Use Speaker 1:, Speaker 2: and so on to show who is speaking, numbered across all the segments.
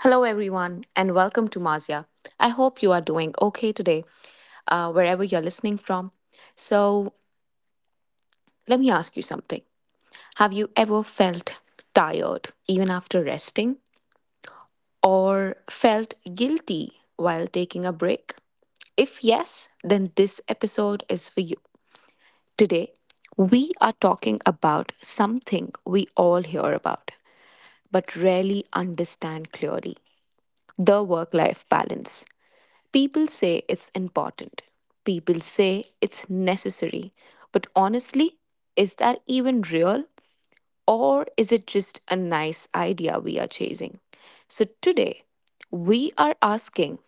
Speaker 1: Hello, everyone, and welcome to Mazia. I hope you are doing okay today, wherever you're listening from. So, let me ask you something. Have you ever felt tired even after resting, or felt guilty while taking a break? If yes, then this episode is for you. Today, we are talking about something we all hear about but rarely understand clearly the work life balance. People say it's important. People say it's necessary. But honestly, is that even real? Or is it just a nice idea we are chasing? So today, we are asking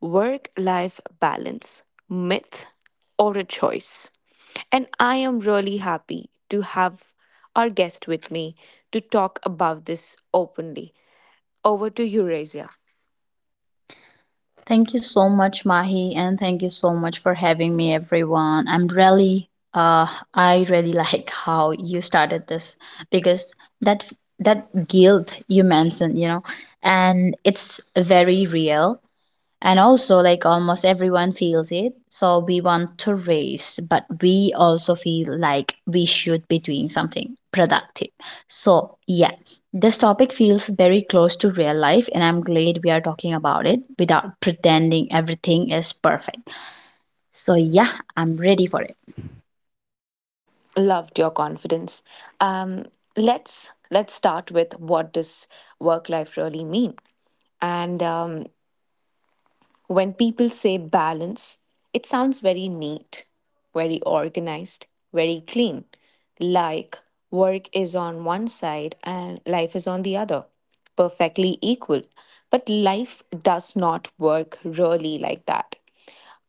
Speaker 1: work life balance, myth or a choice? And I am really happy to have our guest with me to talk about this openly. Over to Eurasia.
Speaker 2: Thank you so much, Mahi, and thank you so much for having me, everyone. I really like how you started this because that that guilt you mentioned, you know, and it's very real. And also, like almost everyone feels it. So we want to race, but we also feel like we should be doing something productive. So, yeah, this topic feels very close to real life, and I'm glad we are talking about it without pretending everything is perfect. So, yeah, I'm ready for it.
Speaker 1: Loved your confidence. um, let's start with what does work life really mean, and when people say balance, it sounds very neat, very organized, very clean, like work is on one side and life is on the other, perfectly equal. But life does not work really like that.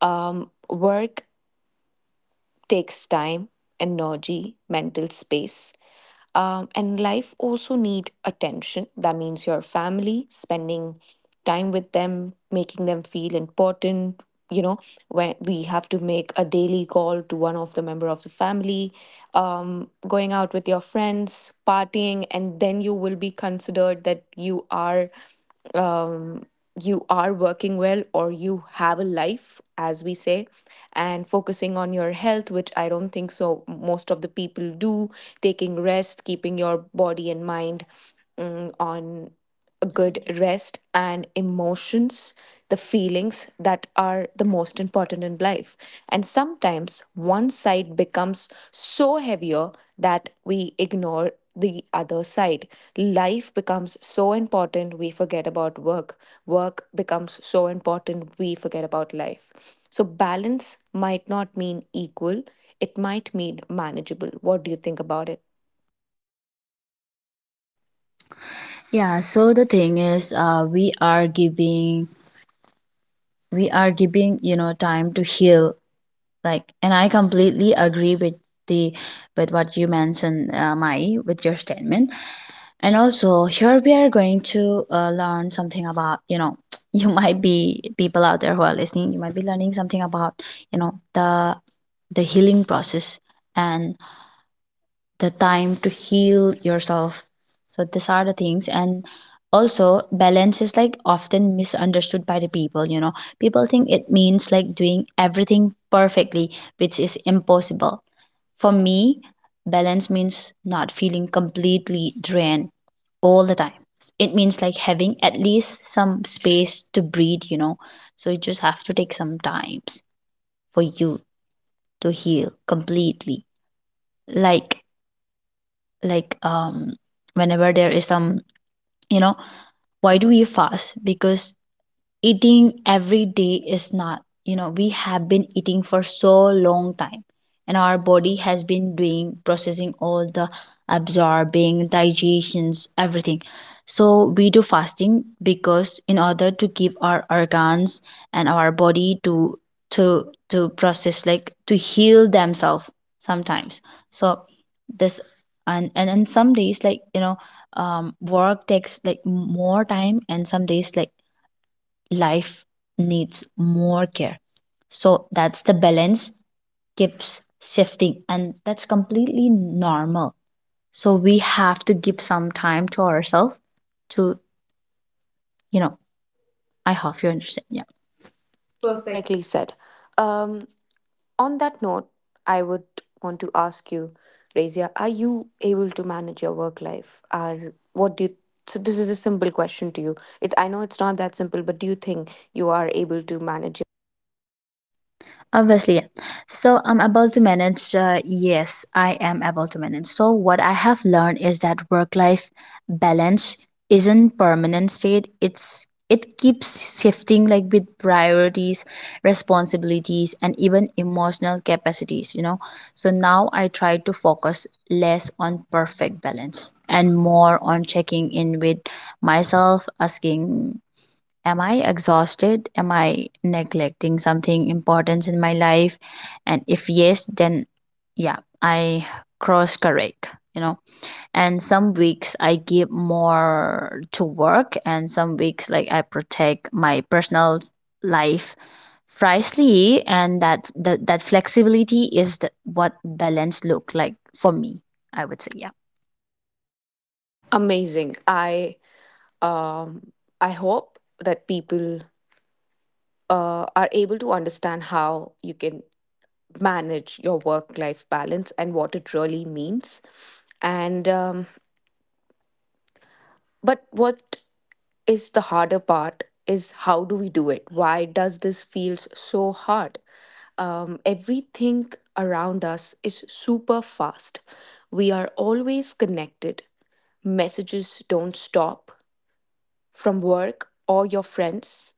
Speaker 1: Work takes time, energy, mental space. And life also need attention. That means your family, spending time with them, making them feel important. You know, when we have to make a daily call to one of the member of the family, going out with your friends, partying, and then you will be considered that you are, um, you are working well, or you have a life, as we say, and focusing on your health, which I don't think so most of the people do, taking rest, keeping your body and mind, on a good rest, and emotions, the feelings that are the most important in life. And sometimes one side becomes so heavier that we ignore the other side. Life becomes so important, we forget about work. Work becomes so important, we forget about life. So, balance might not mean equal, it might mean manageable. What do you think about it?
Speaker 2: Yeah, so the thing is, we are giving you know time to heal. Like and i completely agree with the with what you mentioned, Mai, with your statement. And also, here we are going to learn something about, you know, you might be — people out there who are listening, you might be learning something about, you know, the healing process and the time to heal yourself. So these are the things. And also, balance is like often misunderstood by the people, you know. People think it means like doing everything perfectly, which is impossible. For me, balance means not feeling completely drained all the time. It means like having at least some space to breathe, you know. So you just have to take some times for you to heal completely. Like like whenever there is some, you know, why do we fast? Because eating every day is not, you know, we have been eating for so long time, and our body has been doing processing all the absorbing digestions everything. So we do fasting because in order to give our organs and our body to to process, like to heal themselves sometimes. So this. And some days like, you know, work takes like more time and some days like life needs more care. So that's the balance keeps shifting, and that's completely normal. So we have to give some time to ourselves to, you know, I hope you understand. Yeah.
Speaker 1: Perfectly said. Um, On that note, I would want to ask you, Razia, are you able to manage your work life? Are what do you so this is a simple question to you. It's I know it's not that simple, but do you think you are able to manage your
Speaker 2: Obviously, yeah. So I'm able to manage. Yes, I am able to manage. So what I have learned is that work-life balance isn't permanent state. It keeps shifting like with priorities, responsibilities, and even emotional capacities. You know, so now I try to focus less on perfect balance and more on checking in with myself, asking am I exhausted, am I neglecting something important in my life? And if yes, then yeah, I cross correct, you know. And some weeks I give more to work and some weeks like I protect my personal life. Precisely, and that flexibility is the, what balance look like for me, I would say. Yeah.
Speaker 1: amazing. Um I hope that people are able to understand how you can manage your work life balance and what it really means. And but what is the harder part is how do we do it? Why does this feels so hard? Everything around us is super fast. We are always connected. Messages don't stop from work or your friends.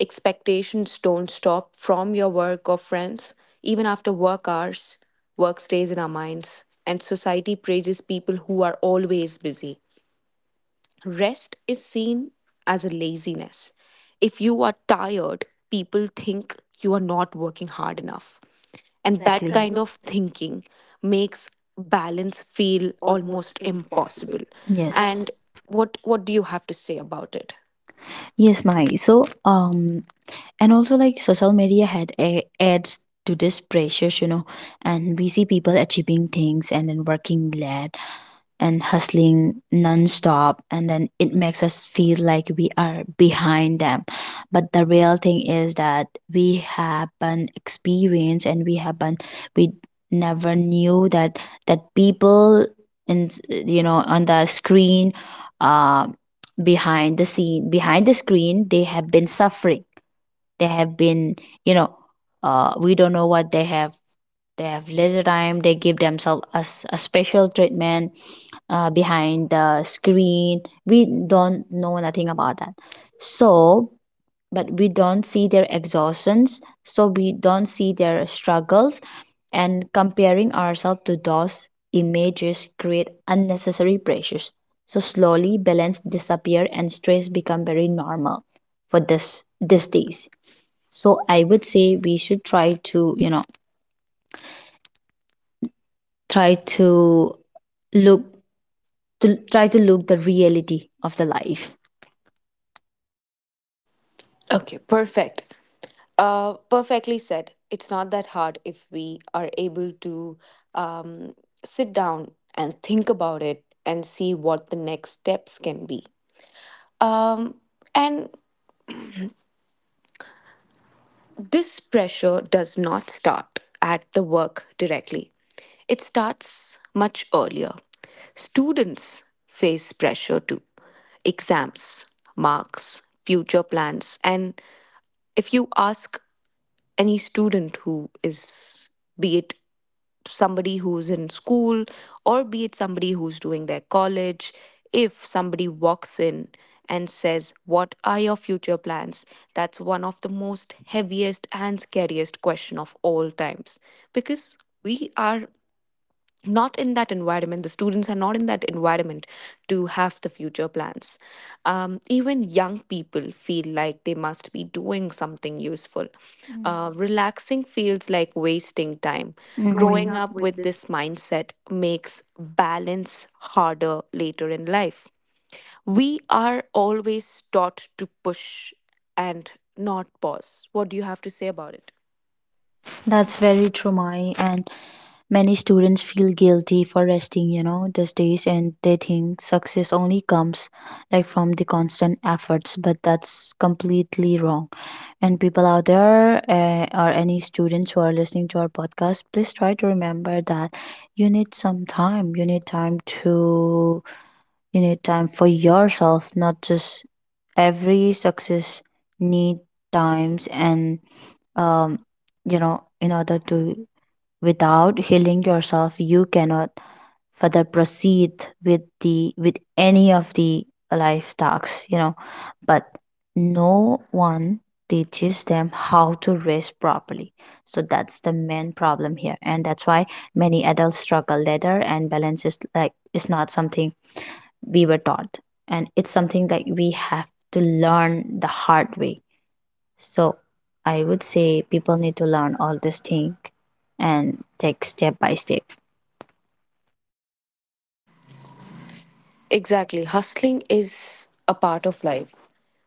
Speaker 1: Expectations don't stop from your work or friends. Even after work hours, work stays in our minds, and society praises people who are always busy. Rest is seen as a laziness. If you are tired, people think you are not working hard enough. And that, exactly, kind of thinking makes balance feel almost impossible. Yes.
Speaker 2: Yes.
Speaker 1: And what do you have to say about it?
Speaker 2: Yes my so um and also like social media adds to this pressures, you know. And we see people achieving things and then working late and hustling non-stop, and then it makes us feel like we are behind them. But the real thing is that we haven't experienced, and we haven't — we never knew that that people in, you know, on the screen, um behind the scene, behind the screen, they have been suffering. They have been, you know, we don't know what they have. They have leisure time, they give themselves a special treatment, behind the screen. We don't know nothing about that. So, but we don't see their exhaustions, so we don't see their struggles. And comparing ourselves to those images create unnecessary pressures. So slowly balance disappear and stress become very normal for this these days. So I would say we should try to, you know, try to look to try to look the reality of the life.
Speaker 1: Okay, perfect. Perfectly said. It's not that hard if we are able to, um, sit down and think about it and see what the next steps can be. Um, and this pressure does not start at the work directly. It starts much earlier. Students face pressure too. Exams, marks, future plans, and if you ask any student who is, be it somebody who's in school or be it somebody who's doing their college, if somebody walks in and says, "What are your future plans?" That's one of the most heaviest and scariest question of all times, because we are not in that environment, the students are not in that environment to have the future plans. Even young people feel like they must be doing something useful. Relaxing feels like wasting time.
Speaker 2: Hmm.
Speaker 1: Growing up with this mindset makes balance harder later in life. We are always taught to push and not pause. What do you have to say about it?
Speaker 2: That's very true, Mai. And many students feel guilty for resting, you know, these days, and they think success only comes like from the constant efforts, but that's completely wrong. And people out there, or any students who are listening to our podcast, please try to remember that you need some time. You need time for yourself, not just every success need times, and um you know, in order to, without healing yourself you cannot further proceed with the with any of the life tasks, you know. But no one teaches them how to rest properly. So that's the main problem here, and that's why many adults struggle later. And balance is like is not something we were taught. And it's something that we have to learn the hard way. So I would say people need to learn all this thing and take step by step.
Speaker 1: Exactly. Hustling is a part of life.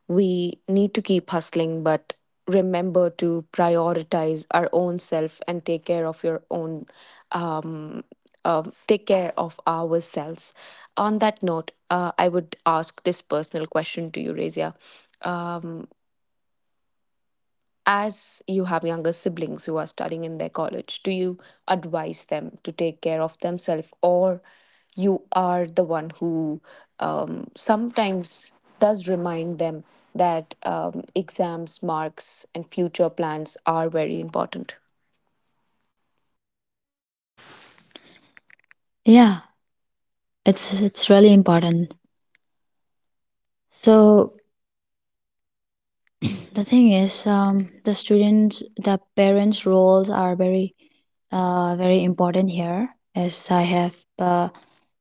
Speaker 1: We need to keep hustling, but remember to prioritize our own self and take care of your own, um, take care of ourselves. On that note, I would ask this personal question to you, Razia. Uh, as you have younger siblings who are studying in their college, do you advise them to take care of themselves, or you are the one who sometimes does remind them that exams, marks, and future plans are very important?
Speaker 2: Yeah, it's really important. So the thing is, the students, the parents roles are very very important here, as I have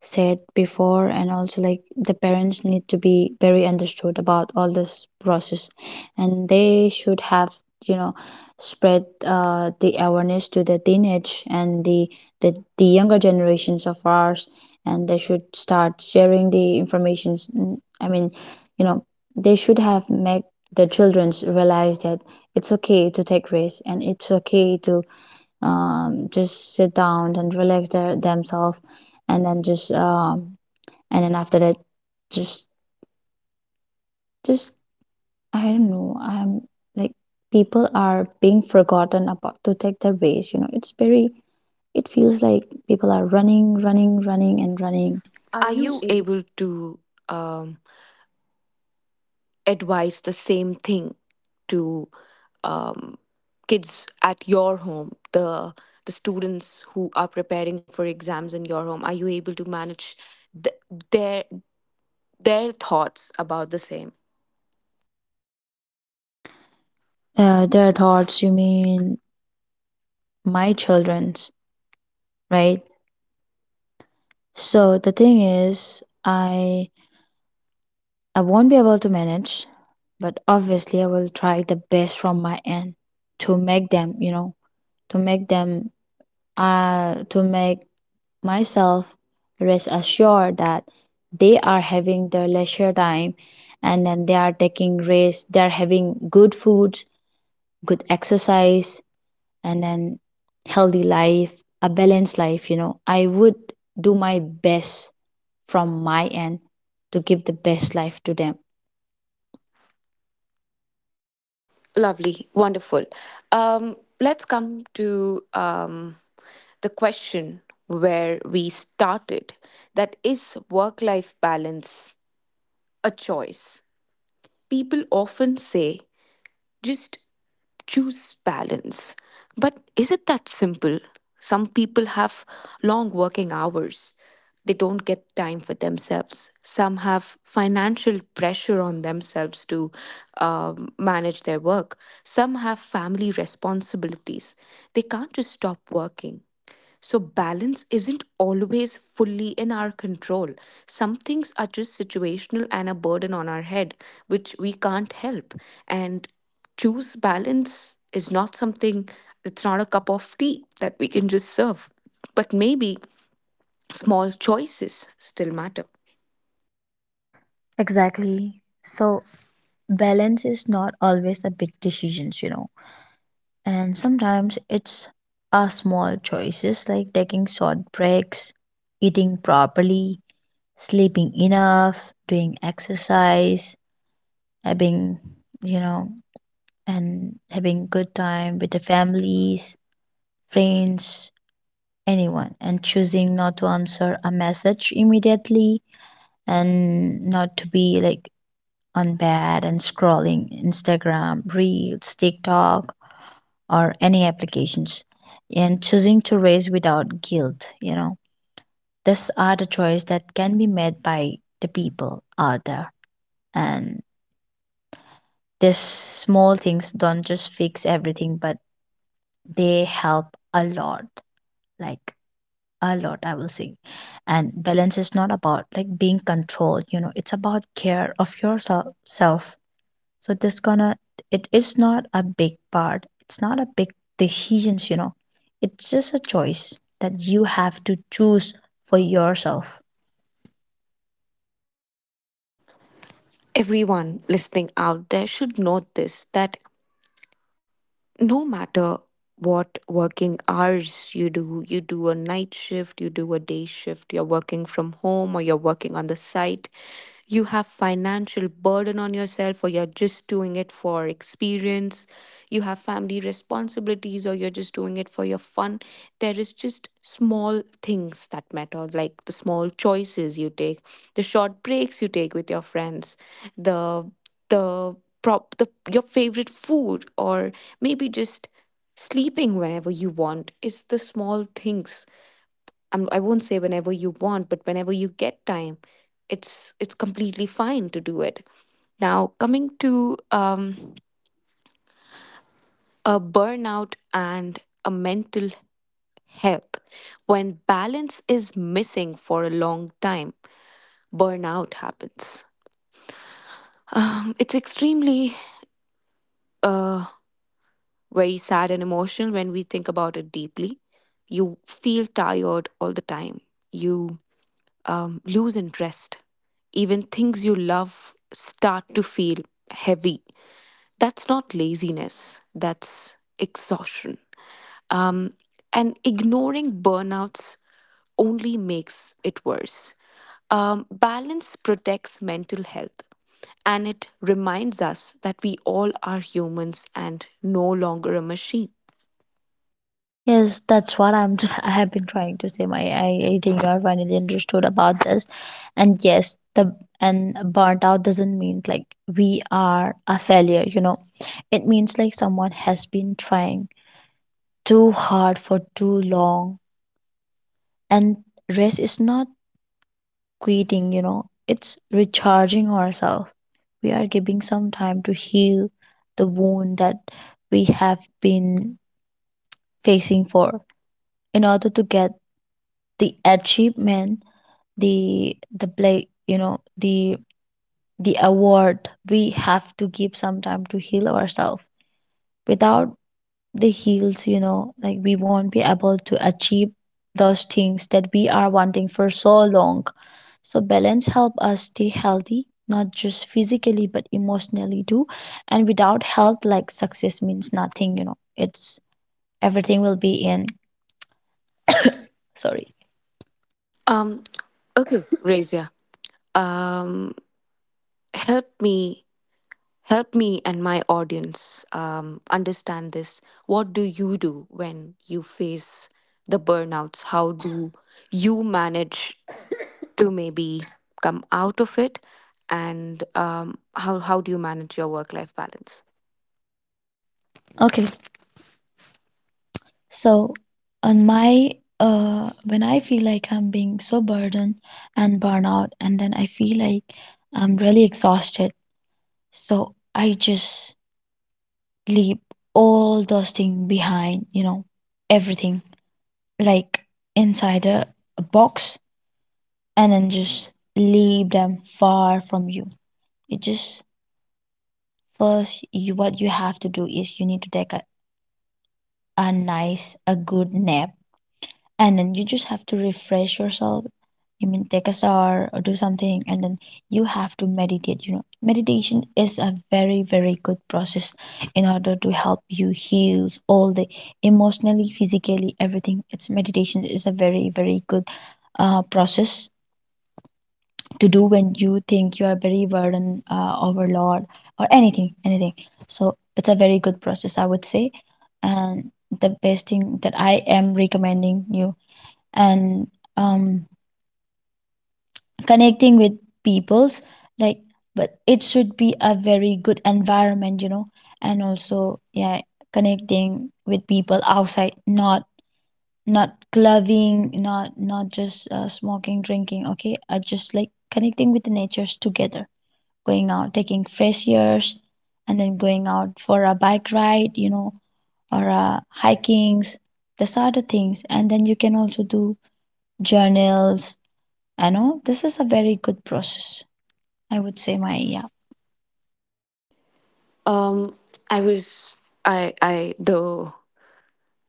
Speaker 2: said before. And also, like, the parents need to be very understood about all this process, and they should have, you know, spread the awareness to the teenage and the, the younger generations of ours. And they should start sharing the informations, I mean, you know, they should have make their children realize that it's okay to take risks and it's okay to just sit down and relax their themselves. And then just and then after that, just just I don't know, I'm like, people are being forgotten about to take their race, you know. It's very — it feels like people are running, running, running and running.
Speaker 1: Are you able to um, advise the same thing to um, kids at your home, the students who are preparing for exams in your home, are you able to manage th- their their thoughts about the same?
Speaker 2: Their thoughts, you mean my children's, right? So the thing is, I won't be able to manage, but obviously I will try the best from my end to make them, you know, to make them to make myself rest assured that they are having their leisure time, and then they are taking rest, they are having good food, good exercise, and then healthy life, a balanced life, you know. I would do my best from my end to give the best life to them.
Speaker 1: Lovely, wonderful. Let's come to the question where we started, that is work life balance a choice. People often say, just choose balance. But is it that simple? Some people have long working hours. They don't get time for themselves. Some have financial pressure on themselves to manage their work. Some have family responsibilities. They can't just stop working. So, balance isn't always fully in our control. Some things are just situational and a burden on our head, which we can't help. And choose balance is not something, it's not a cup of tea that we can just serve. But maybe small choices still matter.
Speaker 2: Exactly. So, balance is not always a big decisions, you know. And sometimes it's a small choices like taking short breaks, eating properly, sleeping enough, doing exercise, having, you know, and having good time with the families, friends, anyone, and choosing not to answer a message immediately and not to be like on bed and scrolling Instagram, Reels, TikTok, or any applications, and choosing to race without guilt. You know, these are the choice that can be made by the people out there. And these small things don't just fix everything, but they help a lot. Like a lot, I will say. And balance is not about like being controlled. You know, it's about care of yourself, self. So this gonna — it is not a big part, it's not a big decisions, you know. It's just a choice that you have to choose for yourself.
Speaker 1: Everyone listening out there should note this, that no matter what working hours you do a night shift, you do a day shift, you're working from home or you're working on the site, you have financial burden on yourself or you're just doing it for experience, you have family responsibilities or you're just doing it for your fun. There is just small things that matter, like the small choices you take, the short breaks you take with your friends, the the the your favorite food, or maybe just sleeping whenever you want. It's the small things. I won't say whenever you want, but whenever you get time, it's completely fine to do it. Now coming to a burnout and a mental health, when balance is missing for a long time, burnout happens. It's extremely uh, very sad and emotional when we think about it deeply. You feel tired all the time. You lose interest. Even things you love start to feel heavy. That's not laziness, that's exhaustion. Um, and ignoring burnouts only makes it worse. Balance protects mental health, and it reminds us that we all are humans and no longer a machine.
Speaker 2: Yes, that's what I'm I have been trying to say, my I think you — I finally understood about this. And yes, the and burnt out doesn't mean like we are a failure, you know. It means like someone has been trying too hard for too long. And rest is not quitting, you know, it's recharging ourselves. We are giving some time to heal the wound that we have been facing for, in order to get the achievement, the play, you know, the award. We have to give some time to heal ourselves. Without the heels, you know, like we won't be able to achieve those things that we are wanting for so long. So balance help us stay healthy, not just physically but emotionally too. And without health, like success means nothing, you know. It's everything will be in — sorry.
Speaker 1: Um, okay, Razia. Um, help me, help me and my audience understand this. What do you do when you face the burnouts? How do you manage to maybe come out of it? And how do you manage your work life balance?
Speaker 2: Okay, so on my when I feel like I'm being so burdened and burnout, and then I feel like I'm really exhausted, so I just leave all those things behind, you know, everything, like inside a box, and then just leave them far from you. You just first, what you have to do is you need to take a nice a good nap, and then you just have to refresh yourself. I mean, take a shower or do something. And then you have to meditate. You know, meditation is a very very good process in order to help you heal all the emotionally, physically, everything. It's Meditation is a very very good process to do when you think you are very burdened, overload or anything. So it's a very good process, I would say. And the best thing that I am recommending you, and um, connecting with peoples, like, but it should be a very good environment, you know. And also, yeah, connecting with people outside. Not not clubbing, not just smoking, drinking. Okay, just like connecting with the natures together, going out, taking fresh airs, and then going out for a bike ride, you know, or hikings. These are the things. And then you can also do journals. I know this is a very good process, I would say, my, yeah.
Speaker 1: Um, I was I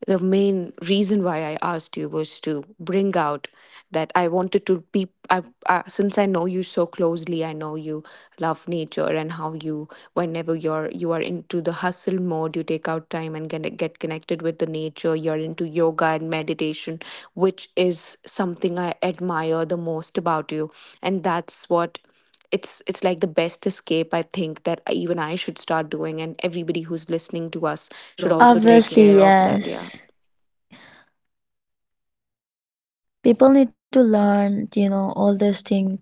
Speaker 1: the main reason why I asked you was to bring out that I wanted to be I since I know you so closely, I know you love nature, and how you, whenever you are into the hustle mode, you take out time and get connected with the nature. You're into yoga and meditation, which is something I admire the most about you, and that's what, it's like the best escape, I think, that even I should start doing, and everybody who's listening to us
Speaker 2: Should
Speaker 1: should
Speaker 2: also take care,
Speaker 1: also take
Speaker 2: obviously, of
Speaker 1: care
Speaker 2: them.
Speaker 1: of that. Yeah.
Speaker 2: Yes. People need to learn, you know, all this thing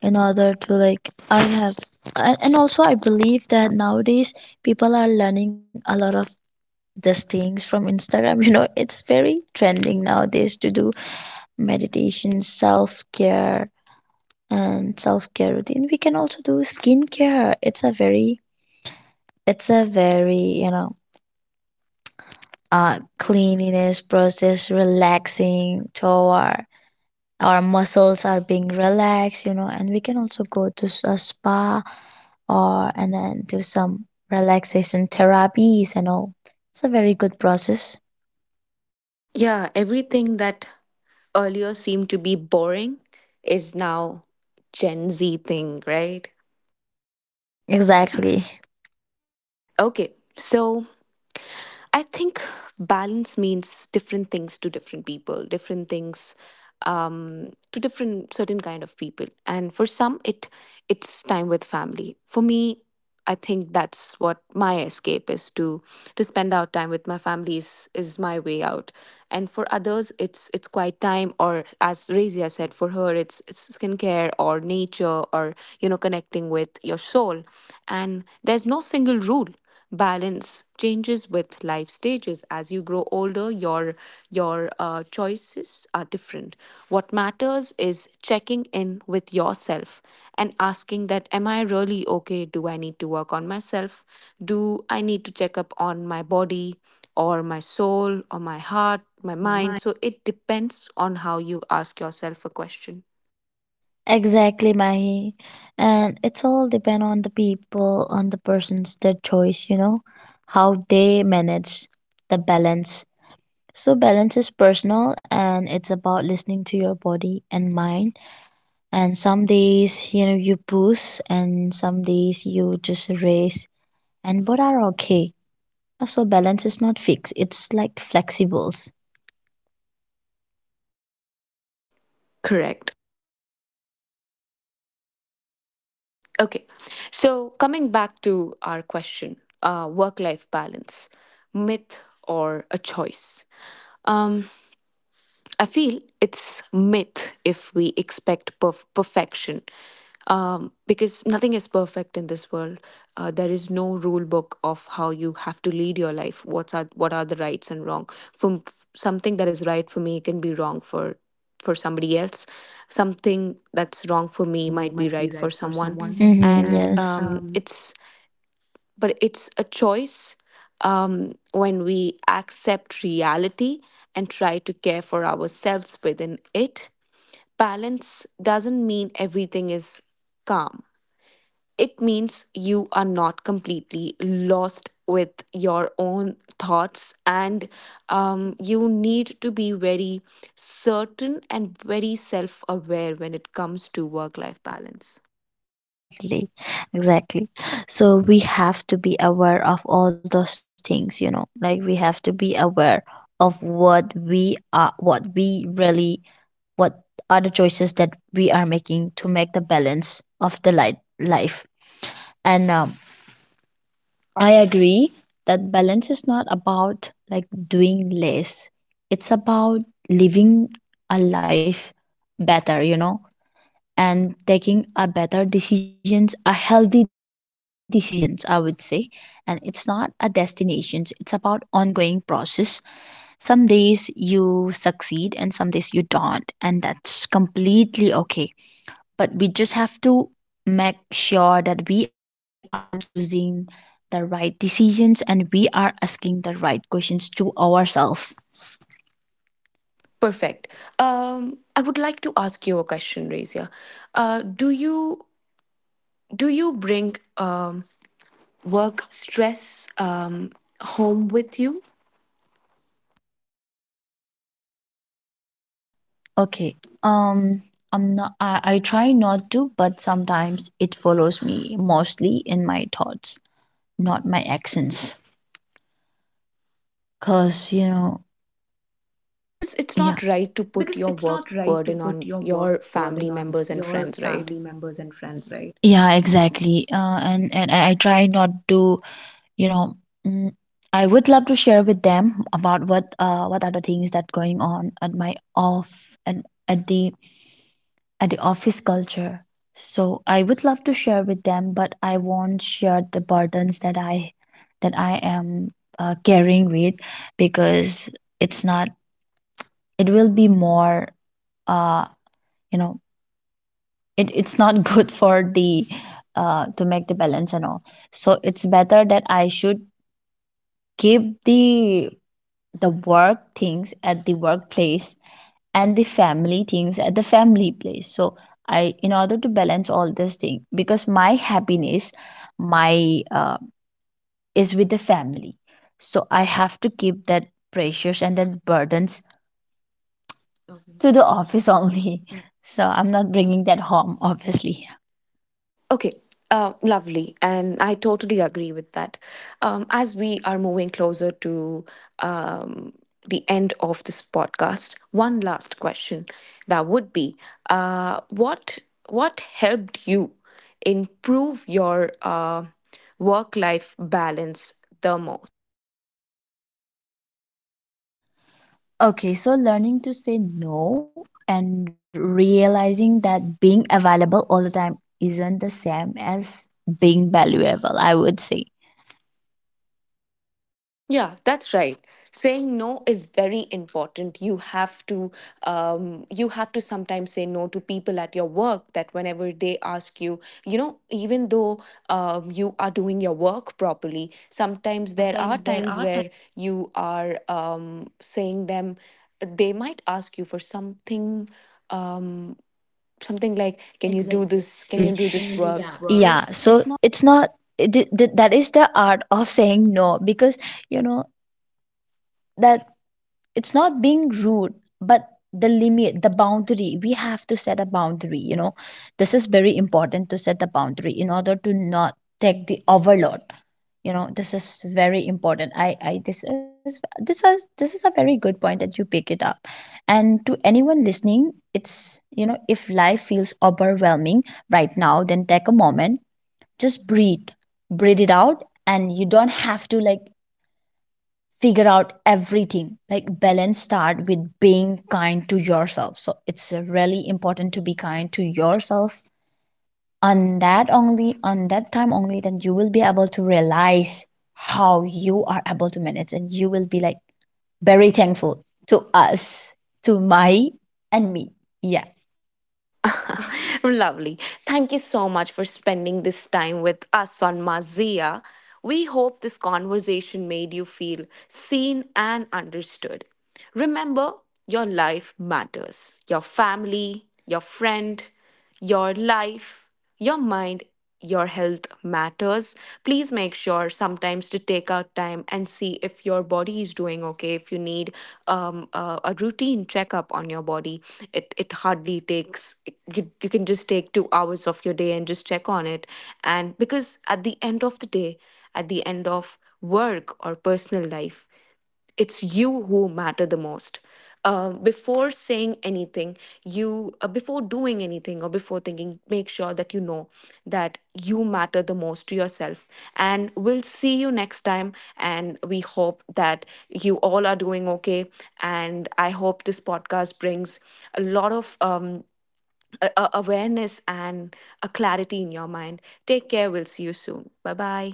Speaker 2: in order to, like, I have, and also I believe that nowadays people are learning a lot of these things from Instagram. You know, it's very trending nowadays to do meditation, self care, and self care routine. We can also do skincare. It's a very, you know, cleanliness process, relaxing toward our muscles are being relaxed, you know. And we can also go to a spa or and then do some relaxation therapies and all. It's a very good process.
Speaker 1: Yeah. Everything that earlier seemed to be boring is now Gen Z thing, right?
Speaker 2: Exactly.
Speaker 1: Okay. So I think balance means different things to different people, different things to different certain kind of people. And for some, it it's time with family. For me, I think that's what my escape is, to spend out time with my family is my way out. And for others, it's quiet time, or as Razia said, for her, it's skincare or nature, or you know, connecting with your soul. And there's no single rule. Balance changes with life stages. As you grow older, your choices are different. What matters is checking in with yourself and asking that, am I really okay? Do I need to work on myself? Do I need to check up on my body or my soul or my heart, my mind? So it depends on how you ask yourself a question.
Speaker 2: Exactly, mahi. And it's all depend on the people, on the person's, their choice, you know, how they manage the balance. So balance is personal, and it's about listening to your body and mind. And some days, you know, you boost, and some days you just race, and both are okay. So balance is not fixed, it's like flexibles.
Speaker 1: Correct. Okay. So, coming back to our question, work life balance, myth or a choice? Um, I feel it's myth if we expect perfection, because nothing is perfect in this world. There is no rule book of how you have to lead your life. What's are what are the rights and wrong? From something that is right for me can be wrong for somebody else. Something that's wrong for me might be right for someone, hmm,
Speaker 2: Mm-hmm,
Speaker 1: and yes,
Speaker 2: yes.
Speaker 1: it's but it's a choice when we accept reality and try to care for ourselves within it. Balance doesn't mean everything is calm, it means you are not completely lost with your own thoughts, and you need to be very certain and very self aware when it comes to work life balance.
Speaker 2: Exactly, exactly. So we have to be aware of all those things, you know, like, we have to be aware of what we are, what we really, what are the choices that we are making to make the balance of the light life. And I agree that balance is not about, like, doing less, it's about living a life better, you know, and taking a better decisions, a healthy decisions, I would say. And it's not a destinations, it's about ongoing process. Some days you succeed and some days you don't, and that's completely okay. But we just have to make sure that we are choosing the right decisions and we are asking the right questions to ourselves.
Speaker 1: Perfect. I would like to ask you a question, Razia. Uh, do you do you bring work stress home with you?
Speaker 2: Okay. Um, I try not to, but sometimes it follows me, mostly in my thoughts, not my actions, because, you know.
Speaker 1: Because it's
Speaker 2: Yeah,
Speaker 1: not right to put your work burden on your family members and friends, right?
Speaker 2: yeah, exactly. And I try not to, you know. Mm, I would love to share with them about what, what are the things that going on at my off and at the office culture. So I would love to share with them, but I won't share the burdens that I am carrying with, because it's not, it will be more, uh you know, it's not good for the, to make the balance and all. So it's better that I should keep the work things at the workplace and the family things at the family place. So I, in order to balance all this thing, because my happiness, my is with the family, so I have to keep that pressures and that burdens to the office only. So I'm not bringing that home, obviously.
Speaker 1: Okay, lovely. And I totally agree with that. As we are moving closer to um, the end of this podcast, one last question that would be uh, what, what helped you improve your work life balance the most?
Speaker 2: Okay, so learning to say no and realizing that being available all the time isn't the same as being valuable, I would say.
Speaker 1: Yeah, that's right. Saying no is very important. You have to sometimes say no to people at your work. That whenever they ask you, you know, even though you are doing your work properly, sometimes there are times where you are saying them. They might ask you for something, um, something like, "Can you do exactly this? Can you
Speaker 2: Exactly.
Speaker 1: do this work?"
Speaker 2: Yeah, so it's not, that is the art of saying no, because, you know, that it's not being rude, but the limit, the boundary, we have to set a boundary, you know. This is very important, to set the boundary in order to not take the overload, you know. This is very important. I, this is a very good point that you pick it up. And to anyone listening, it's, you know, if life feels overwhelming right now, then take a moment, just breathe, breathe it out. And you don't have to, like, figure out everything. Like, balance start with being kind to yourself. So it's really important to be kind to yourself. On that only, on that time only, then you will be able to realize how you are able to manage, and you will be like very thankful to us, to my and me. Yeah.
Speaker 1: Lovely. Thank you so much for spending this time with us on Mazia. We hope this conversation made you feel seen and understood. Remember, your life matters. Your family, your friend, your life, your mind, your health matters. Please make sure sometimes to take out time and see if your body is doing okay. If you need a routine checkup on your body, it hardly takes, you can just take 2 hours of your day and just check on it. And because at the end of the day, at the end of work or personal life, it's you who matter the most. Uh, before saying anything you uh, before doing anything or before thinking, make sure that you know that you matter the most to yourself. And we'll see you next time, and we hope that you all are doing okay, and I hope this podcast brings a lot of awareness and a clarity in your mind. Take care. We'll see you soon. Bye bye.